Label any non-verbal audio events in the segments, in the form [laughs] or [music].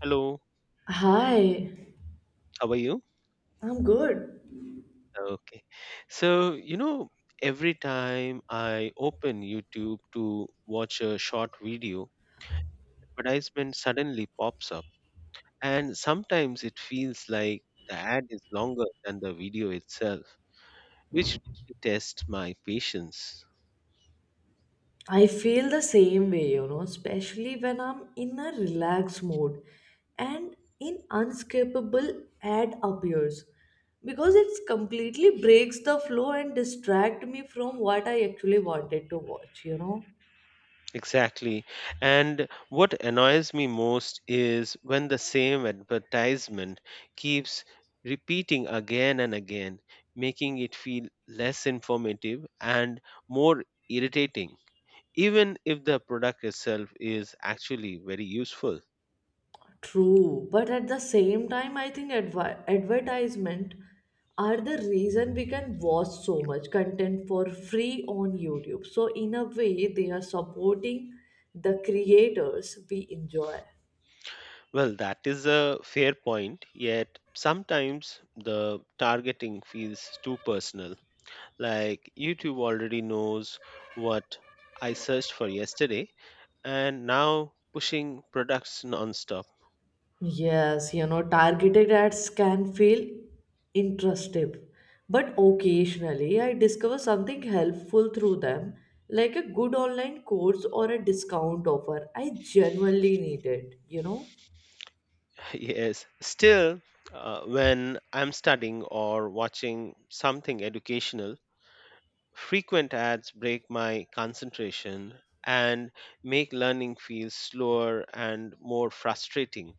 Hello, Hi, how are you? I'm good. Okay. So, you know, every time I open YouTube to watch a short video, advertisement suddenly pops up. And sometimes it feels like the ad is longer than the video itself, which really tests my patience. I feel the same way, especially when I'm in a relaxed mode and in unskippable ad appears because it's completely breaks the flow and distract me from what I actually wanted to watch. Exactly. And what annoys me most is when the same advertisement keeps repeating again and again, making it feel less informative and more irritating, even if the product itself is actually very useful. True, but at the same time, I think advertisement are the reason we can watch so much content for free on YouTube. So in a way, they are supporting the creators we enjoy. Well, that is a fair point, yet sometimes the targeting feels too personal. Like YouTube already knows what I searched for yesterday and now pushing products nonstop. Yes, targeted ads can feel intrusive, but occasionally I discover something helpful through them, like a good online course or a discount offer. I genuinely need it. [laughs] Yes. Still, when I'm studying or watching something educational, frequent ads break my concentration and make learning feel slower and more frustrating.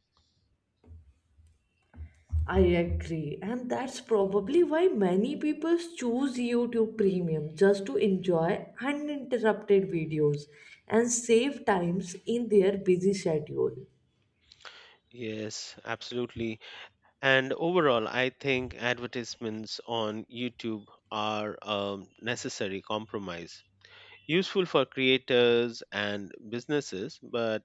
I agree, and that's probably why many people choose YouTube Premium just to enjoy uninterrupted videos and save times in their busy schedule. Yes, absolutely. And overall, I think advertisements on YouTube are a necessary compromise, useful for creators and businesses, but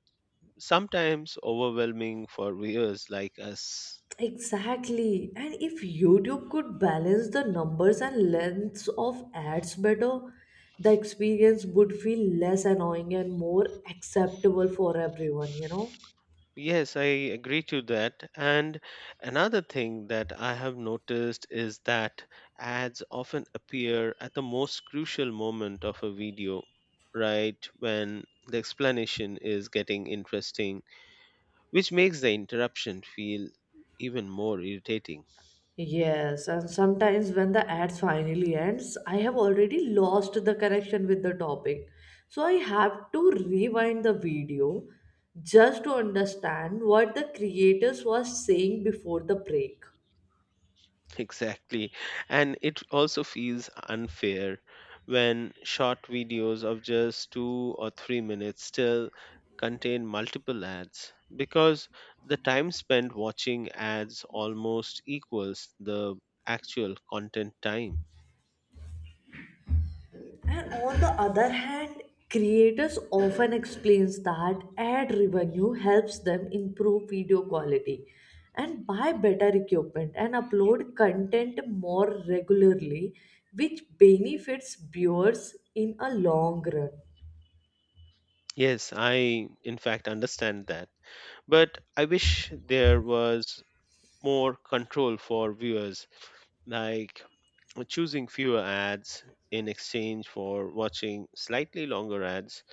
sometimes overwhelming for viewers like us. Exactly, and if YouTube could balance the numbers and lengths of ads better, the experience would feel less annoying and more acceptable for everyone. Yes, I agree to that. And another thing that I have noticed is that ads often appear at the most crucial moment of a video, right when the explanation is getting interesting, which makes the interruption feel even more irritating. [laughs] Yes, and sometimes when the ads finally ends, I have already lost the connection with the topic. So I have to rewind the video just to understand what the creators was saying before the break. Exactly. And it also feels unfair when short videos of just 2 or 3 minutes still contain multiple ads because the time spent watching ads almost equals the actual content time. And on the other hand, creators often explains that ad revenue helps them improve video quality and buy better equipment and upload content more regularly, which benefits viewers in a long run. Yes, I in fact understand that. But I wish there was more control for viewers, like choosing fewer ads in exchange for watching slightly longer ads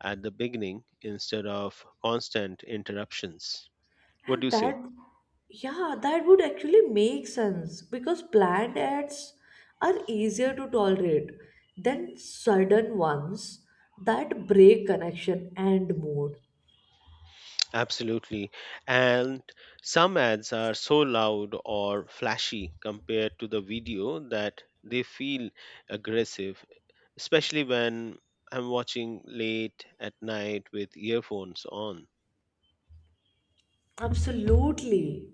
at the beginning instead of constant interruptions. What do And you say? that, yeah, that would actually make sense because planned ads are easier to tolerate than sudden ones that break connection and mood. Absolutely. And some ads are so loud or flashy compared to the video that they feel aggressive, especially when I'm watching late at night with earphones on. Absolutely.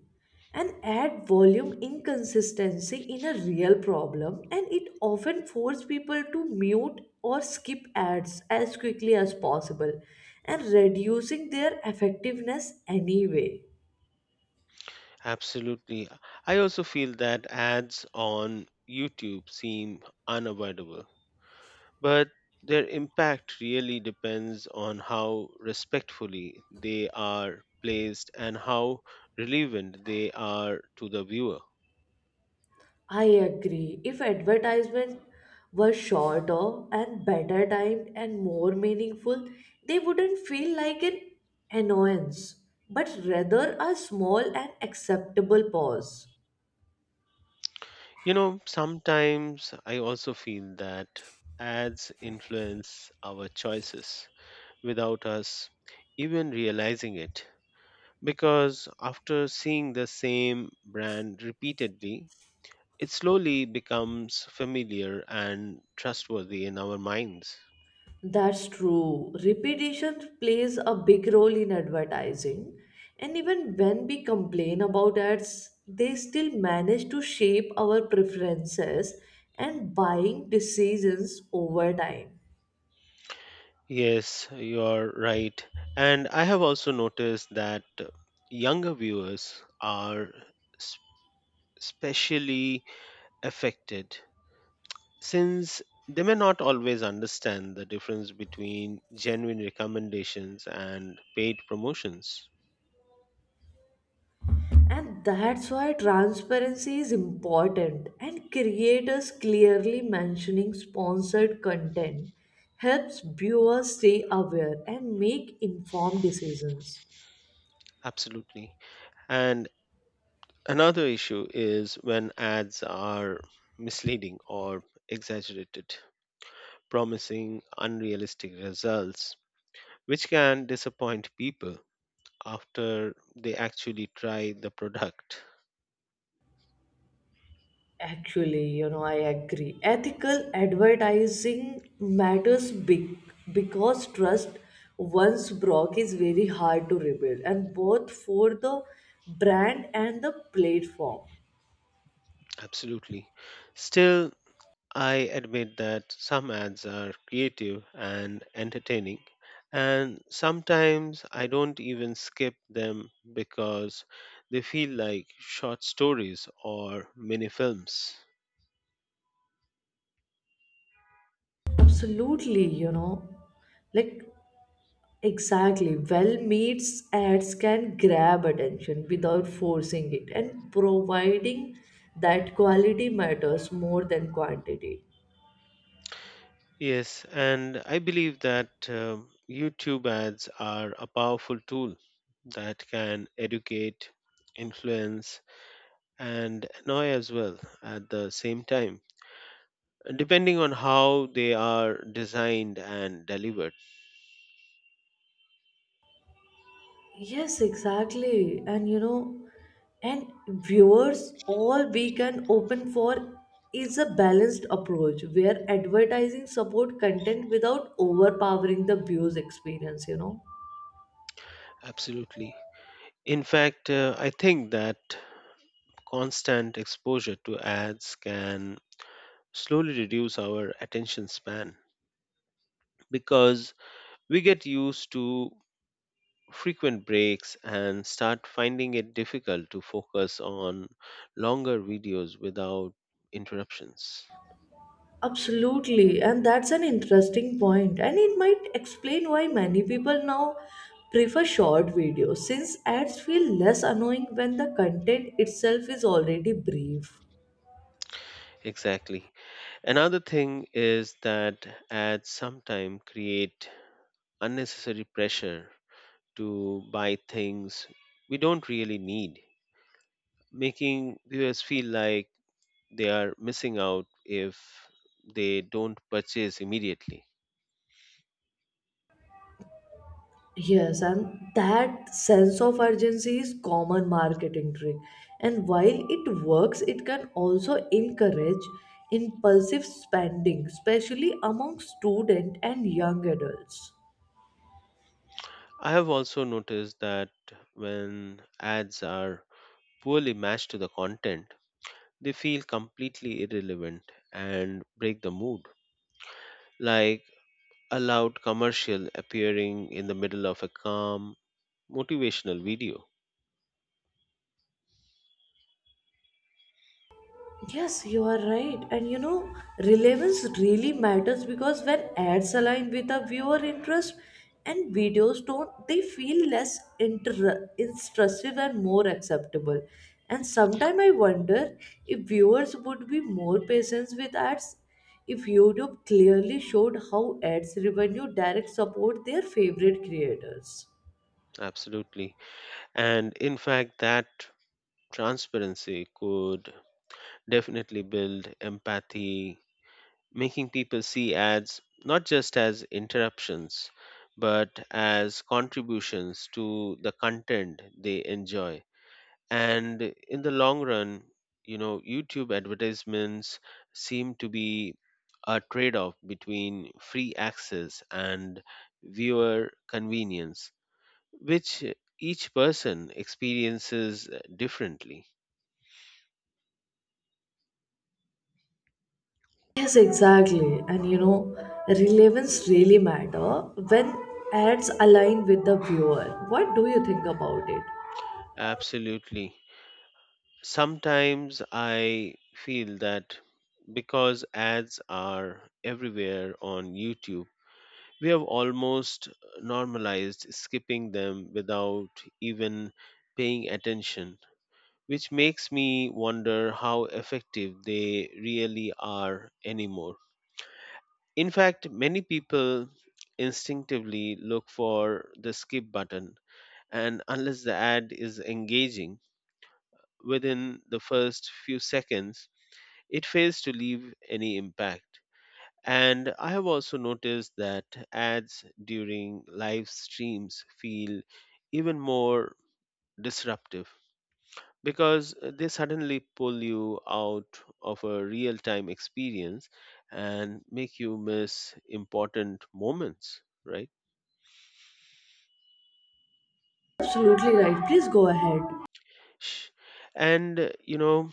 And add volume inconsistency in a real problem, and it often forces people to mute or skip ads as quickly as possible and reducing their effectiveness anyway. Absolutely. I also feel that ads on YouTube seem unavoidable, but their impact really depends on how respectfully they are placed and how relevant they are to the viewer. I agree. If advertisement were shorter and better timed and more meaningful, they wouldn't feel like an annoyance, but rather a small and acceptable pause. You know, sometimes I also feel that ads influence our choices without us even realizing it. Because after seeing the same brand repeatedly, it slowly becomes familiar and trustworthy in our minds. That's true. Repetition plays a big role in advertising. And even when we complain about ads, they still manage to shape our preferences and buying decisions over time. Yes, you're right. And I have also noticed that younger viewers are s- specially affected since they may not always understand the difference between genuine recommendations and paid promotions. And that's why transparency is important, and creators clearly mentioning sponsored content helps viewers stay aware and make informed decisions. Absolutely. And another issue is when ads are misleading or exaggerated, promising unrealistic results, which can disappoint people after they actually try the product. Actually, I agree. Ethical advertising matters big because trust once broke is very hard to rebuild, and both for the brand and the platform. Absolutely. Still, I admit that some ads are creative and entertaining, and sometimes I don't even skip them because they feel like short stories or mini films. Absolutely, like exactly. Well meets ads can grab attention without forcing it, and providing that quality matters more than quantity. Yes, and I believe that YouTube ads are a powerful tool that can educate, influence, and annoy as well at the same time, depending on how they are designed and delivered. Yes, exactly. And and viewers all we can open for is a balanced approach where advertising support content without overpowering the views experience. Absolutely. In fact, I think that constant exposure to ads can slowly reduce our attention span because we get used to frequent breaks and start finding it difficult to focus on longer videos without interruptions. Absolutely, and that's an interesting point, and it might explain why many people now prefer short videos since ads feel less annoying when the content itself is already brief. Exactly. Another thing is that ads sometimes create unnecessary pressure to buy things we don't really need, making viewers feel like they are missing out if they don't purchase immediately. Yes, and that sense of urgency is common marketing trick. And while it works, it can also encourage impulsive spending, especially among students and young adults. I have also noticed that when ads are poorly matched to the content, they feel completely irrelevant and break the mood. Like a loud commercial appearing in the middle of a calm, motivational video. Yes, you are right. And relevance really matters because when ads align with a viewer interest and videos don't, they feel less intrusive and more acceptable. And sometimes I wonder if viewers would be more patient with ads if YouTube clearly showed how ads revenue direct support their favorite creators. Absolutely. And in fact, that transparency could definitely build empathy, making people see ads not just as interruptions, but as contributions to the content they enjoy. And in the long run, you know, YouTube advertisements seem to be a trade off between free access and viewer convenience, which each person experiences differently. Yes, exactly. And relevance really matter when ads align with the viewer. What do you think about it? Absolutely. Sometimes I feel that because ads are everywhere on YouTube, we have almost normalized skipping them without even paying attention, which makes me wonder how effective they really are anymore. In fact, many people instinctively look for the skip button, and unless the ad is engaging within the first few seconds, it fails to leave any impact. And I have also noticed that ads during live streams feel even more disruptive because they suddenly pull you out of a real time experience and make you miss important moments, right? Absolutely right. Please go ahead. Sh- And, you know,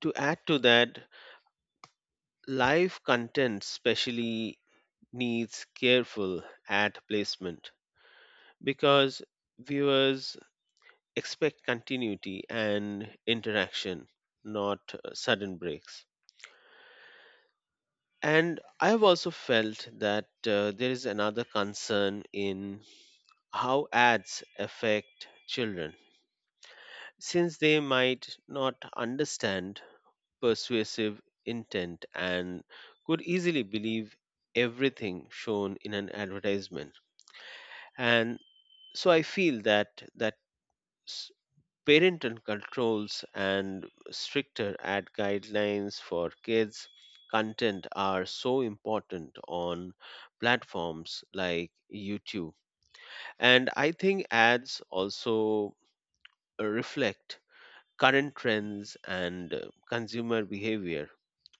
to add to that, live content, especially, needs careful ad placement because viewers expect continuity and interaction, not sudden breaks. And I have also felt that there is another concern in how ads affect children, since they might not understand persuasive intent and could easily believe everything shown in an advertisement. And so I feel that parental controls and stricter ad guidelines for kids content are so important on platforms like YouTube. And I think ads also reflect current trends and consumer behavior,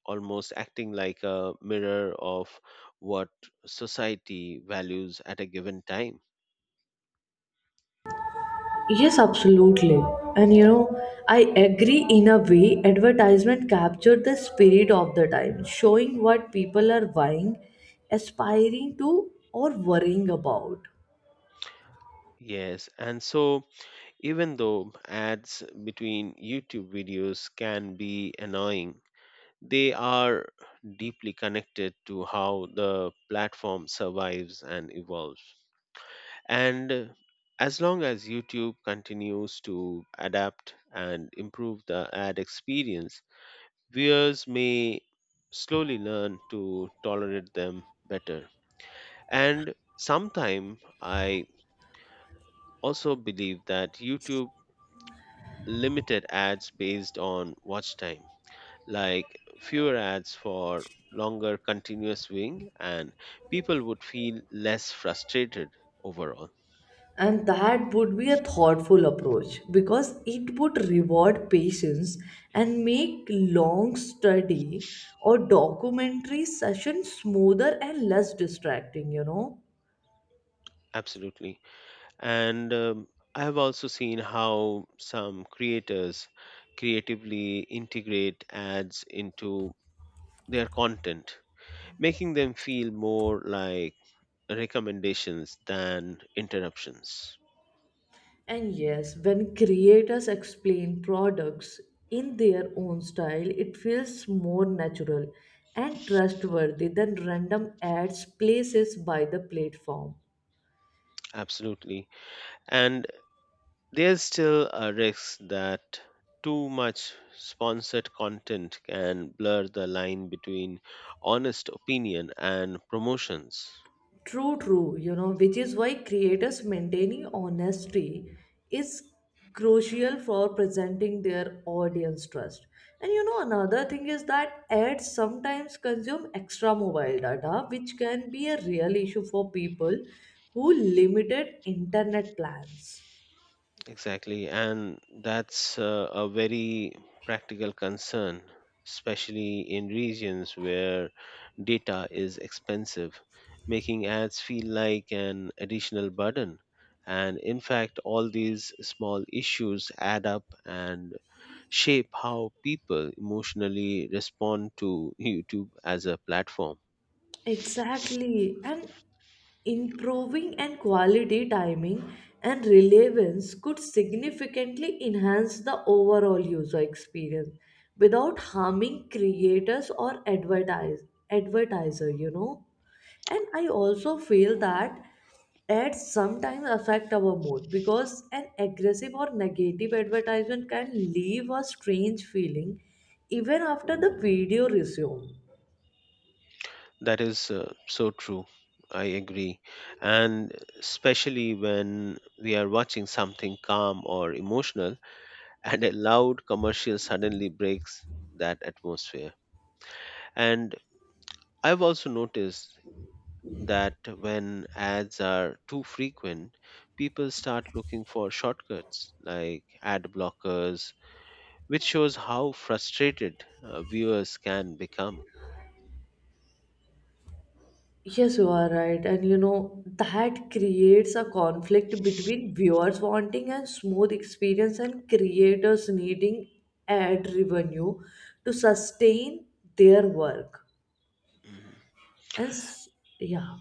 almost acting like a mirror of what society values at a given time. Yes, absolutely. And I agree in a way advertisement captured the spirit of the time, showing what people are buying, aspiring to, or worrying about. Yes, and so, even though ads between YouTube videos can be annoying, they are deeply connected to how the platform survives and evolves. And as long as YouTube continues to adapt and improve the ad experience, viewers may slowly learn to tolerate them better. And sometime I also believe that YouTube limited ads based on watch time, like fewer ads for longer continuous viewing, and people would feel less frustrated overall. And that would be a thoughtful approach because it would reward patience and make long study or documentary session smoother and less distracting. Absolutely. And I have also seen how some creators creatively integrate ads into their content, making them feel more like recommendations than interruptions. And yes, when creators explain products in their own style, it feels more natural and trustworthy than random ads places by the platform. Absolutely. And there's still a risk that too much sponsored content can blur the line between honest opinion and promotions. True, true, which is why creators maintaining honesty is crucial for presenting their audience trust. And another thing is that ads sometimes consume extra mobile data, which can be a real issue for people who limited internet plans. Exactly, and that's a very practical concern, especially in regions where data is expensive, making ads feel like an additional burden. And in fact, all these small issues add up and shape how people emotionally respond to [laughs] YouTube as a platform. Exactly. And improving and quality timing and relevance could significantly enhance the overall user experience without harming creators or advertiser. And I also feel that ads sometimes affect our mood because an aggressive or negative advertisement can leave a strange feeling even after the video resumes. That is so true. I agree. And especially when we are watching something calm or emotional, [laughs] and a loud commercial suddenly breaks that atmosphere. And I've also noticed that when ads are too frequent, people start looking for shortcuts like ad blockers, which shows how frustrated viewers can become. Yes, you are right. And that creates a conflict between viewers wanting a smooth experience and creators needing ad revenue to sustain their work. Mhm. And s- yeah.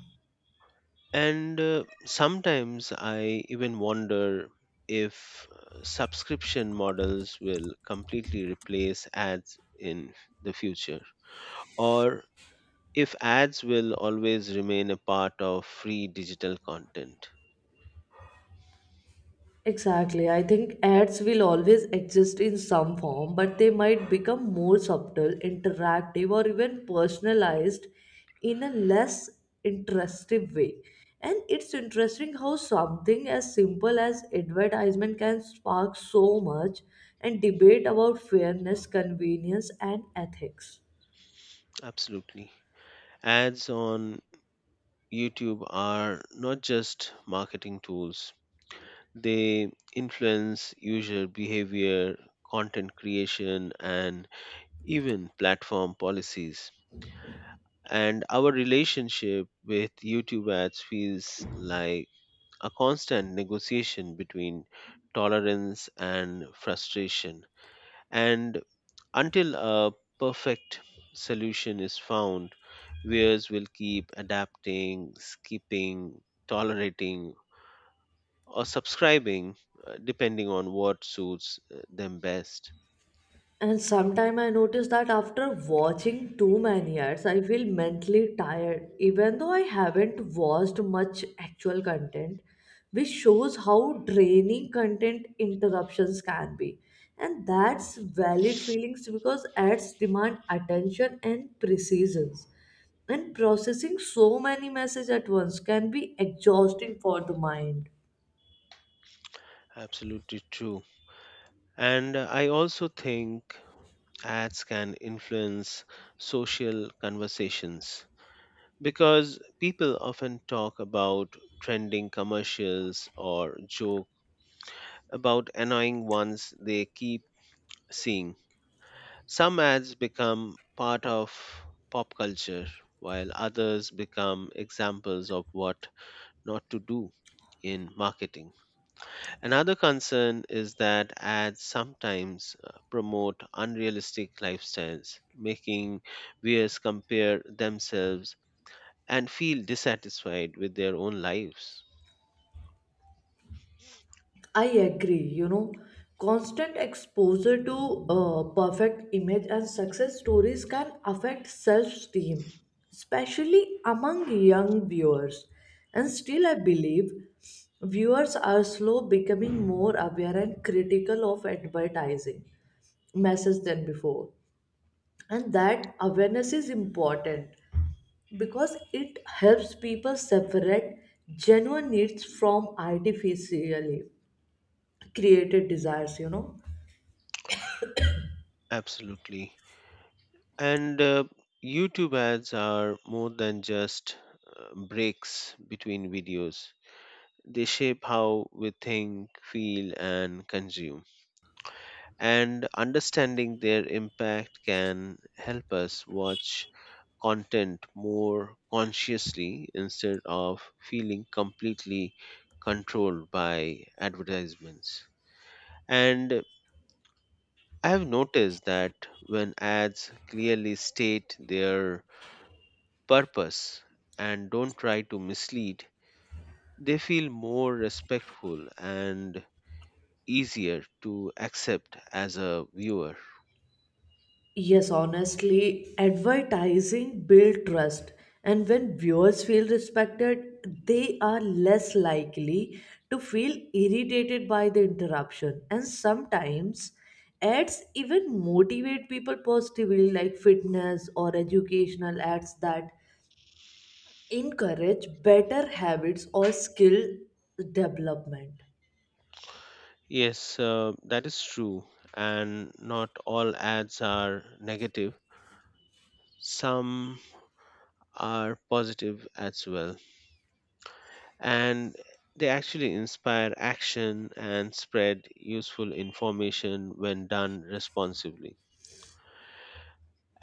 And sometimes I even wonder if subscription models will completely replace ads in the future or if ads will always remain a part of free digital content. Exactly. I think ads will always exist in some form, but they might become more subtle, interactive, or even personalized in a less interestive way. And it's interesting how something as simple as advertisement can spark so much and debate about fairness, convenience, and ethics. Absolutely. Ads on YouTube are not just marketing tools, they influence user behavior, content creation, and even platform policies. And our relationship with YouTube ads feels like a constant negotiation between tolerance and frustration. And until a perfect solution is found, viewers will keep adapting, skipping, tolerating or subscribing, depending on what suits them best. And sometimes I notice that after watching too many ads, I feel mentally tired, even though I haven't watched much actual content, which shows how draining content interruptions can be. And that's valid feelings because ads demand attention and precision. And processing so many messages at once can be exhausting for the mind. Absolutely true. And I also think ads can influence social conversations because people often talk about trending commercials or joke about annoying ones they keep seeing. Some ads become part of pop culture, while others become examples of what not to do in marketing. Another concern is that ads sometimes promote unrealistic lifestyles, making viewers compare themselves and feel dissatisfied with their own lives. I agree, constant exposure to perfect image and success stories can affect self esteem, especially among young viewers. And still, I believe viewers are slow becoming more aware and critical of advertising messages than before. And that awareness is important because it helps people separate genuine needs from artificially created desires. Absolutely. And YouTube ads are more than just breaks between videos. They shape how we think, feel, and consume. And understanding their impact can help us watch content more consciously instead of feeling completely controlled by advertisements. And I have noticed that when ads clearly state their purpose and don't try to mislead, they feel more respectful and easier to accept as a viewer. Yes, honestly, advertising builds trust, and when viewers feel respected, they are less likely to feel irritated by the interruption, and sometimes ads even motivate people positively, like fitness or educational ads that encourage better habits or skill development. Yes, that is true. And not all ads are negative. Some are positive as well, and they actually inspire action and spread useful information when done responsibly.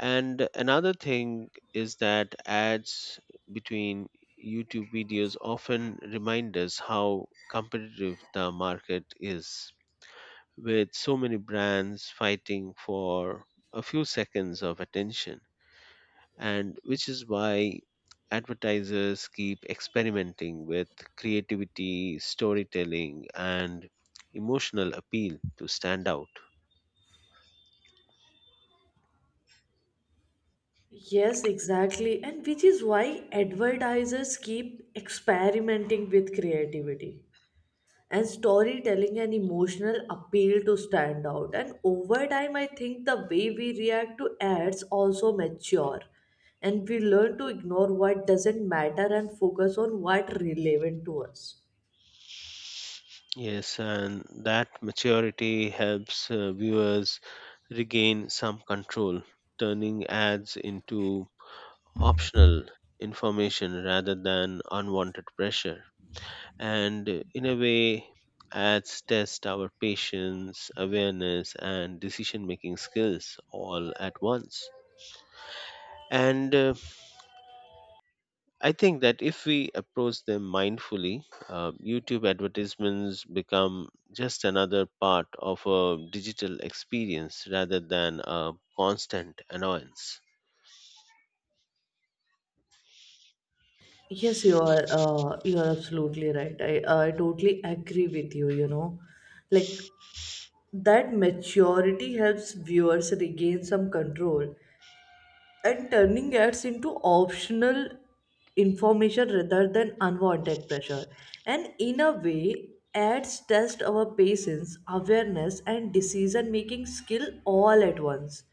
And another thing is that ads between YouTube videos often remind us how competitive the market is, with so many brands fighting for a few seconds of attention, and which is why advertisers keep experimenting with creativity, storytelling, and emotional appeal to stand out. Yes, exactly. And which is why advertisers keep experimenting with creativity and storytelling and emotional appeal to stand out. And over time, I think the way we react to ads also mature, and we learn to ignore what doesn't matter and focus on what relevant to us. Yes, and that maturity helps viewers regain some control, turning ads into optional information rather than unwanted pressure. And in a way, ads test our patience, awareness and decision making skills all at once. And I think that if we approach them mindfully, YouTube advertisements become just another part of a digital experience rather than a constant annoyance. Yes, you are. You are absolutely right. I totally agree with you. Like that maturity helps viewers regain some control and turning ads into optional information rather than unwanted pressure. And in a way, ads test our patience, awareness, and decision making skill all at once.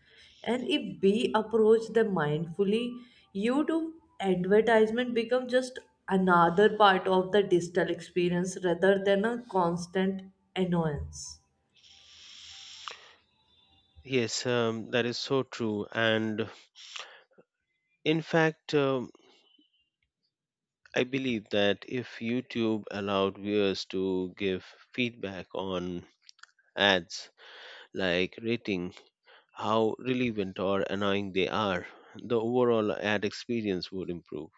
And if we approach them mindfully, YouTube advertisement become just another part of the digital experience rather than a constant annoyance. Yes, that is so true. And in fact, I believe that if YouTube allowed viewers to give feedback on ads, like rating how relevant or annoying they are, the overall ad experience would improve.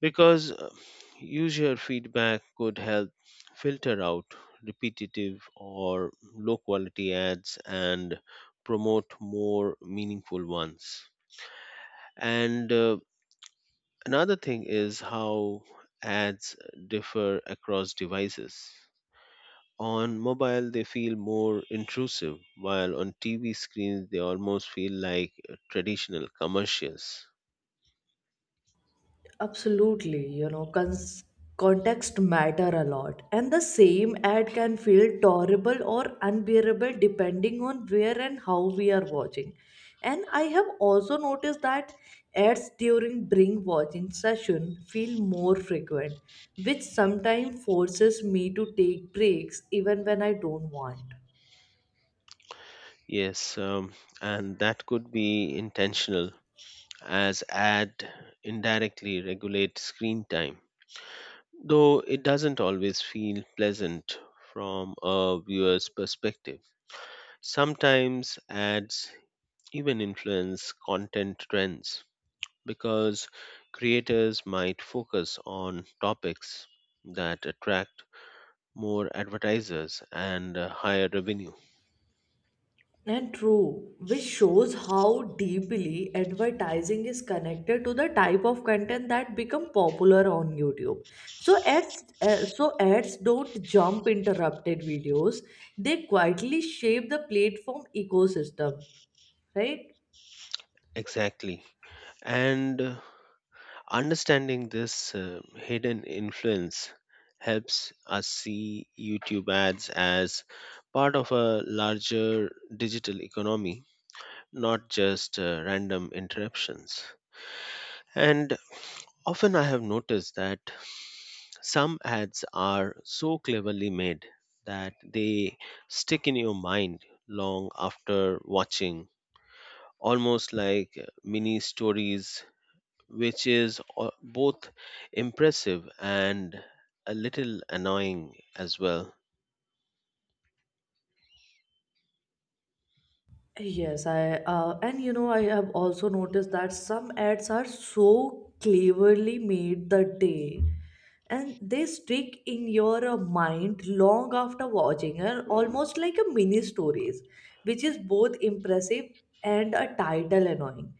Because user feedback could help filter out repetitive or low quality ads and promote more meaningful ones. And another thing is how ads differ across devices. On mobile, they feel more intrusive, while on TV screens, they almost feel like traditional commercials. Absolutely, context matter a lot, and the same ad can feel tolerable or unbearable depending on where and how we are watching. And I have also noticed that ads during bring watching session feel more frequent, which sometimes forces me to take breaks even when I don't want. Yes, and that could be intentional as ad indirectly regulate screen time, though it doesn't always feel pleasant from a viewer's perspective. Sometimes ads even influence content trends because creators might focus on topics that attract more advertisers and higher revenue. And true, which shows how deeply advertising is connected to the type of content that become popular on YouTube. So ads don't jump interrupted videos; they quietly shape the platform ecosystem, right? Exactly. And understanding this hidden influence helps us see YouTube ads as part of a larger digital economy, not just random interruptions. And often I have noticed that some ads are so cleverly made that they stick in your mind long after watching, almost like mini stories, which is both impressive and a little annoying as well. Yes, I and you know I have also noticed that some ads are so cleverly made the day and they stick in your mind long after watching and almost like a mini stories which is both impressive and a title annoying.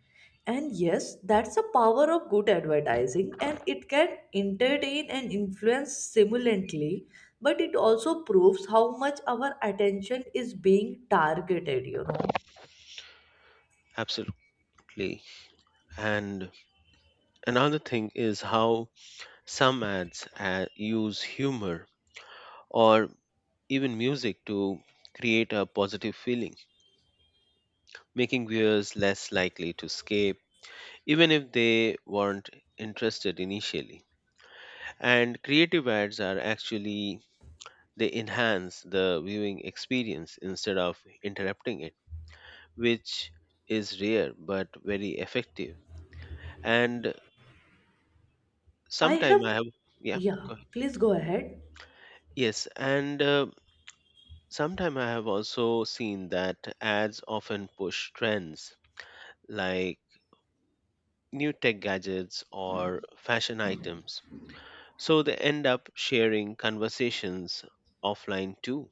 And yes, that's the power of good advertising and it can entertain and influence simultaneously, but it also proves how much our attention is being targeted. Absolutely. And another thing is how some ads use humor or even music to create a positive feeling, making viewers less likely to skip even if they weren't interested initially. And creative ads are actually, they enhance the viewing experience instead of interrupting it, which is rare but very effective. And I have, sometime I have, yeah, yeah, go ahead. please go ahead. Yes, and sometime I have also seen that ads often push trends like new tech gadgets or fashion items. So they end up sharing conversations offline too.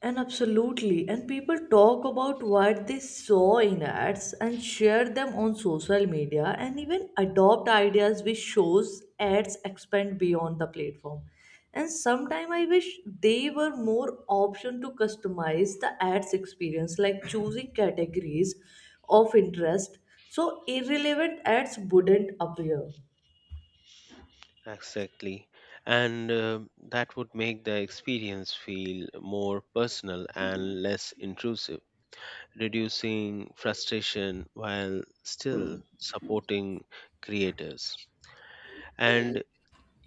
And absolutely. And people talk about what they saw in ads and share them on social media and even adopt ideas which shows ads expand beyond the platform. And sometimes I wish they were more option to customize the ads experience, like choosing categories of interest so irrelevant ads wouldn't appear. Exactly. And that would make the experience feel more personal and less intrusive, reducing frustration while still supporting creators. And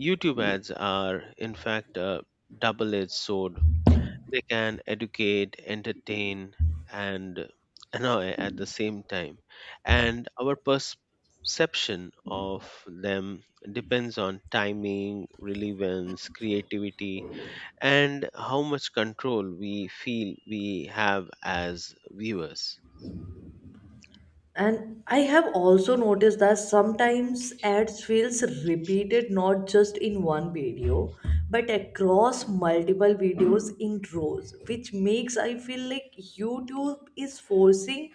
YouTube ads are, in fact, a double edged sword. They can educate, entertain, and annoy at the same time, and our perception of them depends on timing, relevance, creativity, and how much control we feel we have as viewers. And I have also noticed that sometimes ads feels repeated not just in one video but across multiple videos in rows which makes I feel like YouTube is forcing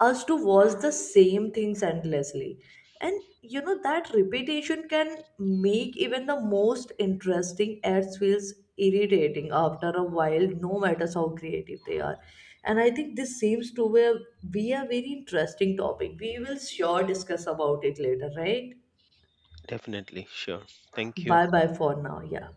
us to watch the same things endlessly and you know that repetition can make even the most interesting ads feels irritating after a while, no matter how creative they are. And I think this seems to be be a very interesting topic. We will sure discuss about it later, right? Definitely, sure. Thank you. Bye bye for now. Yeah.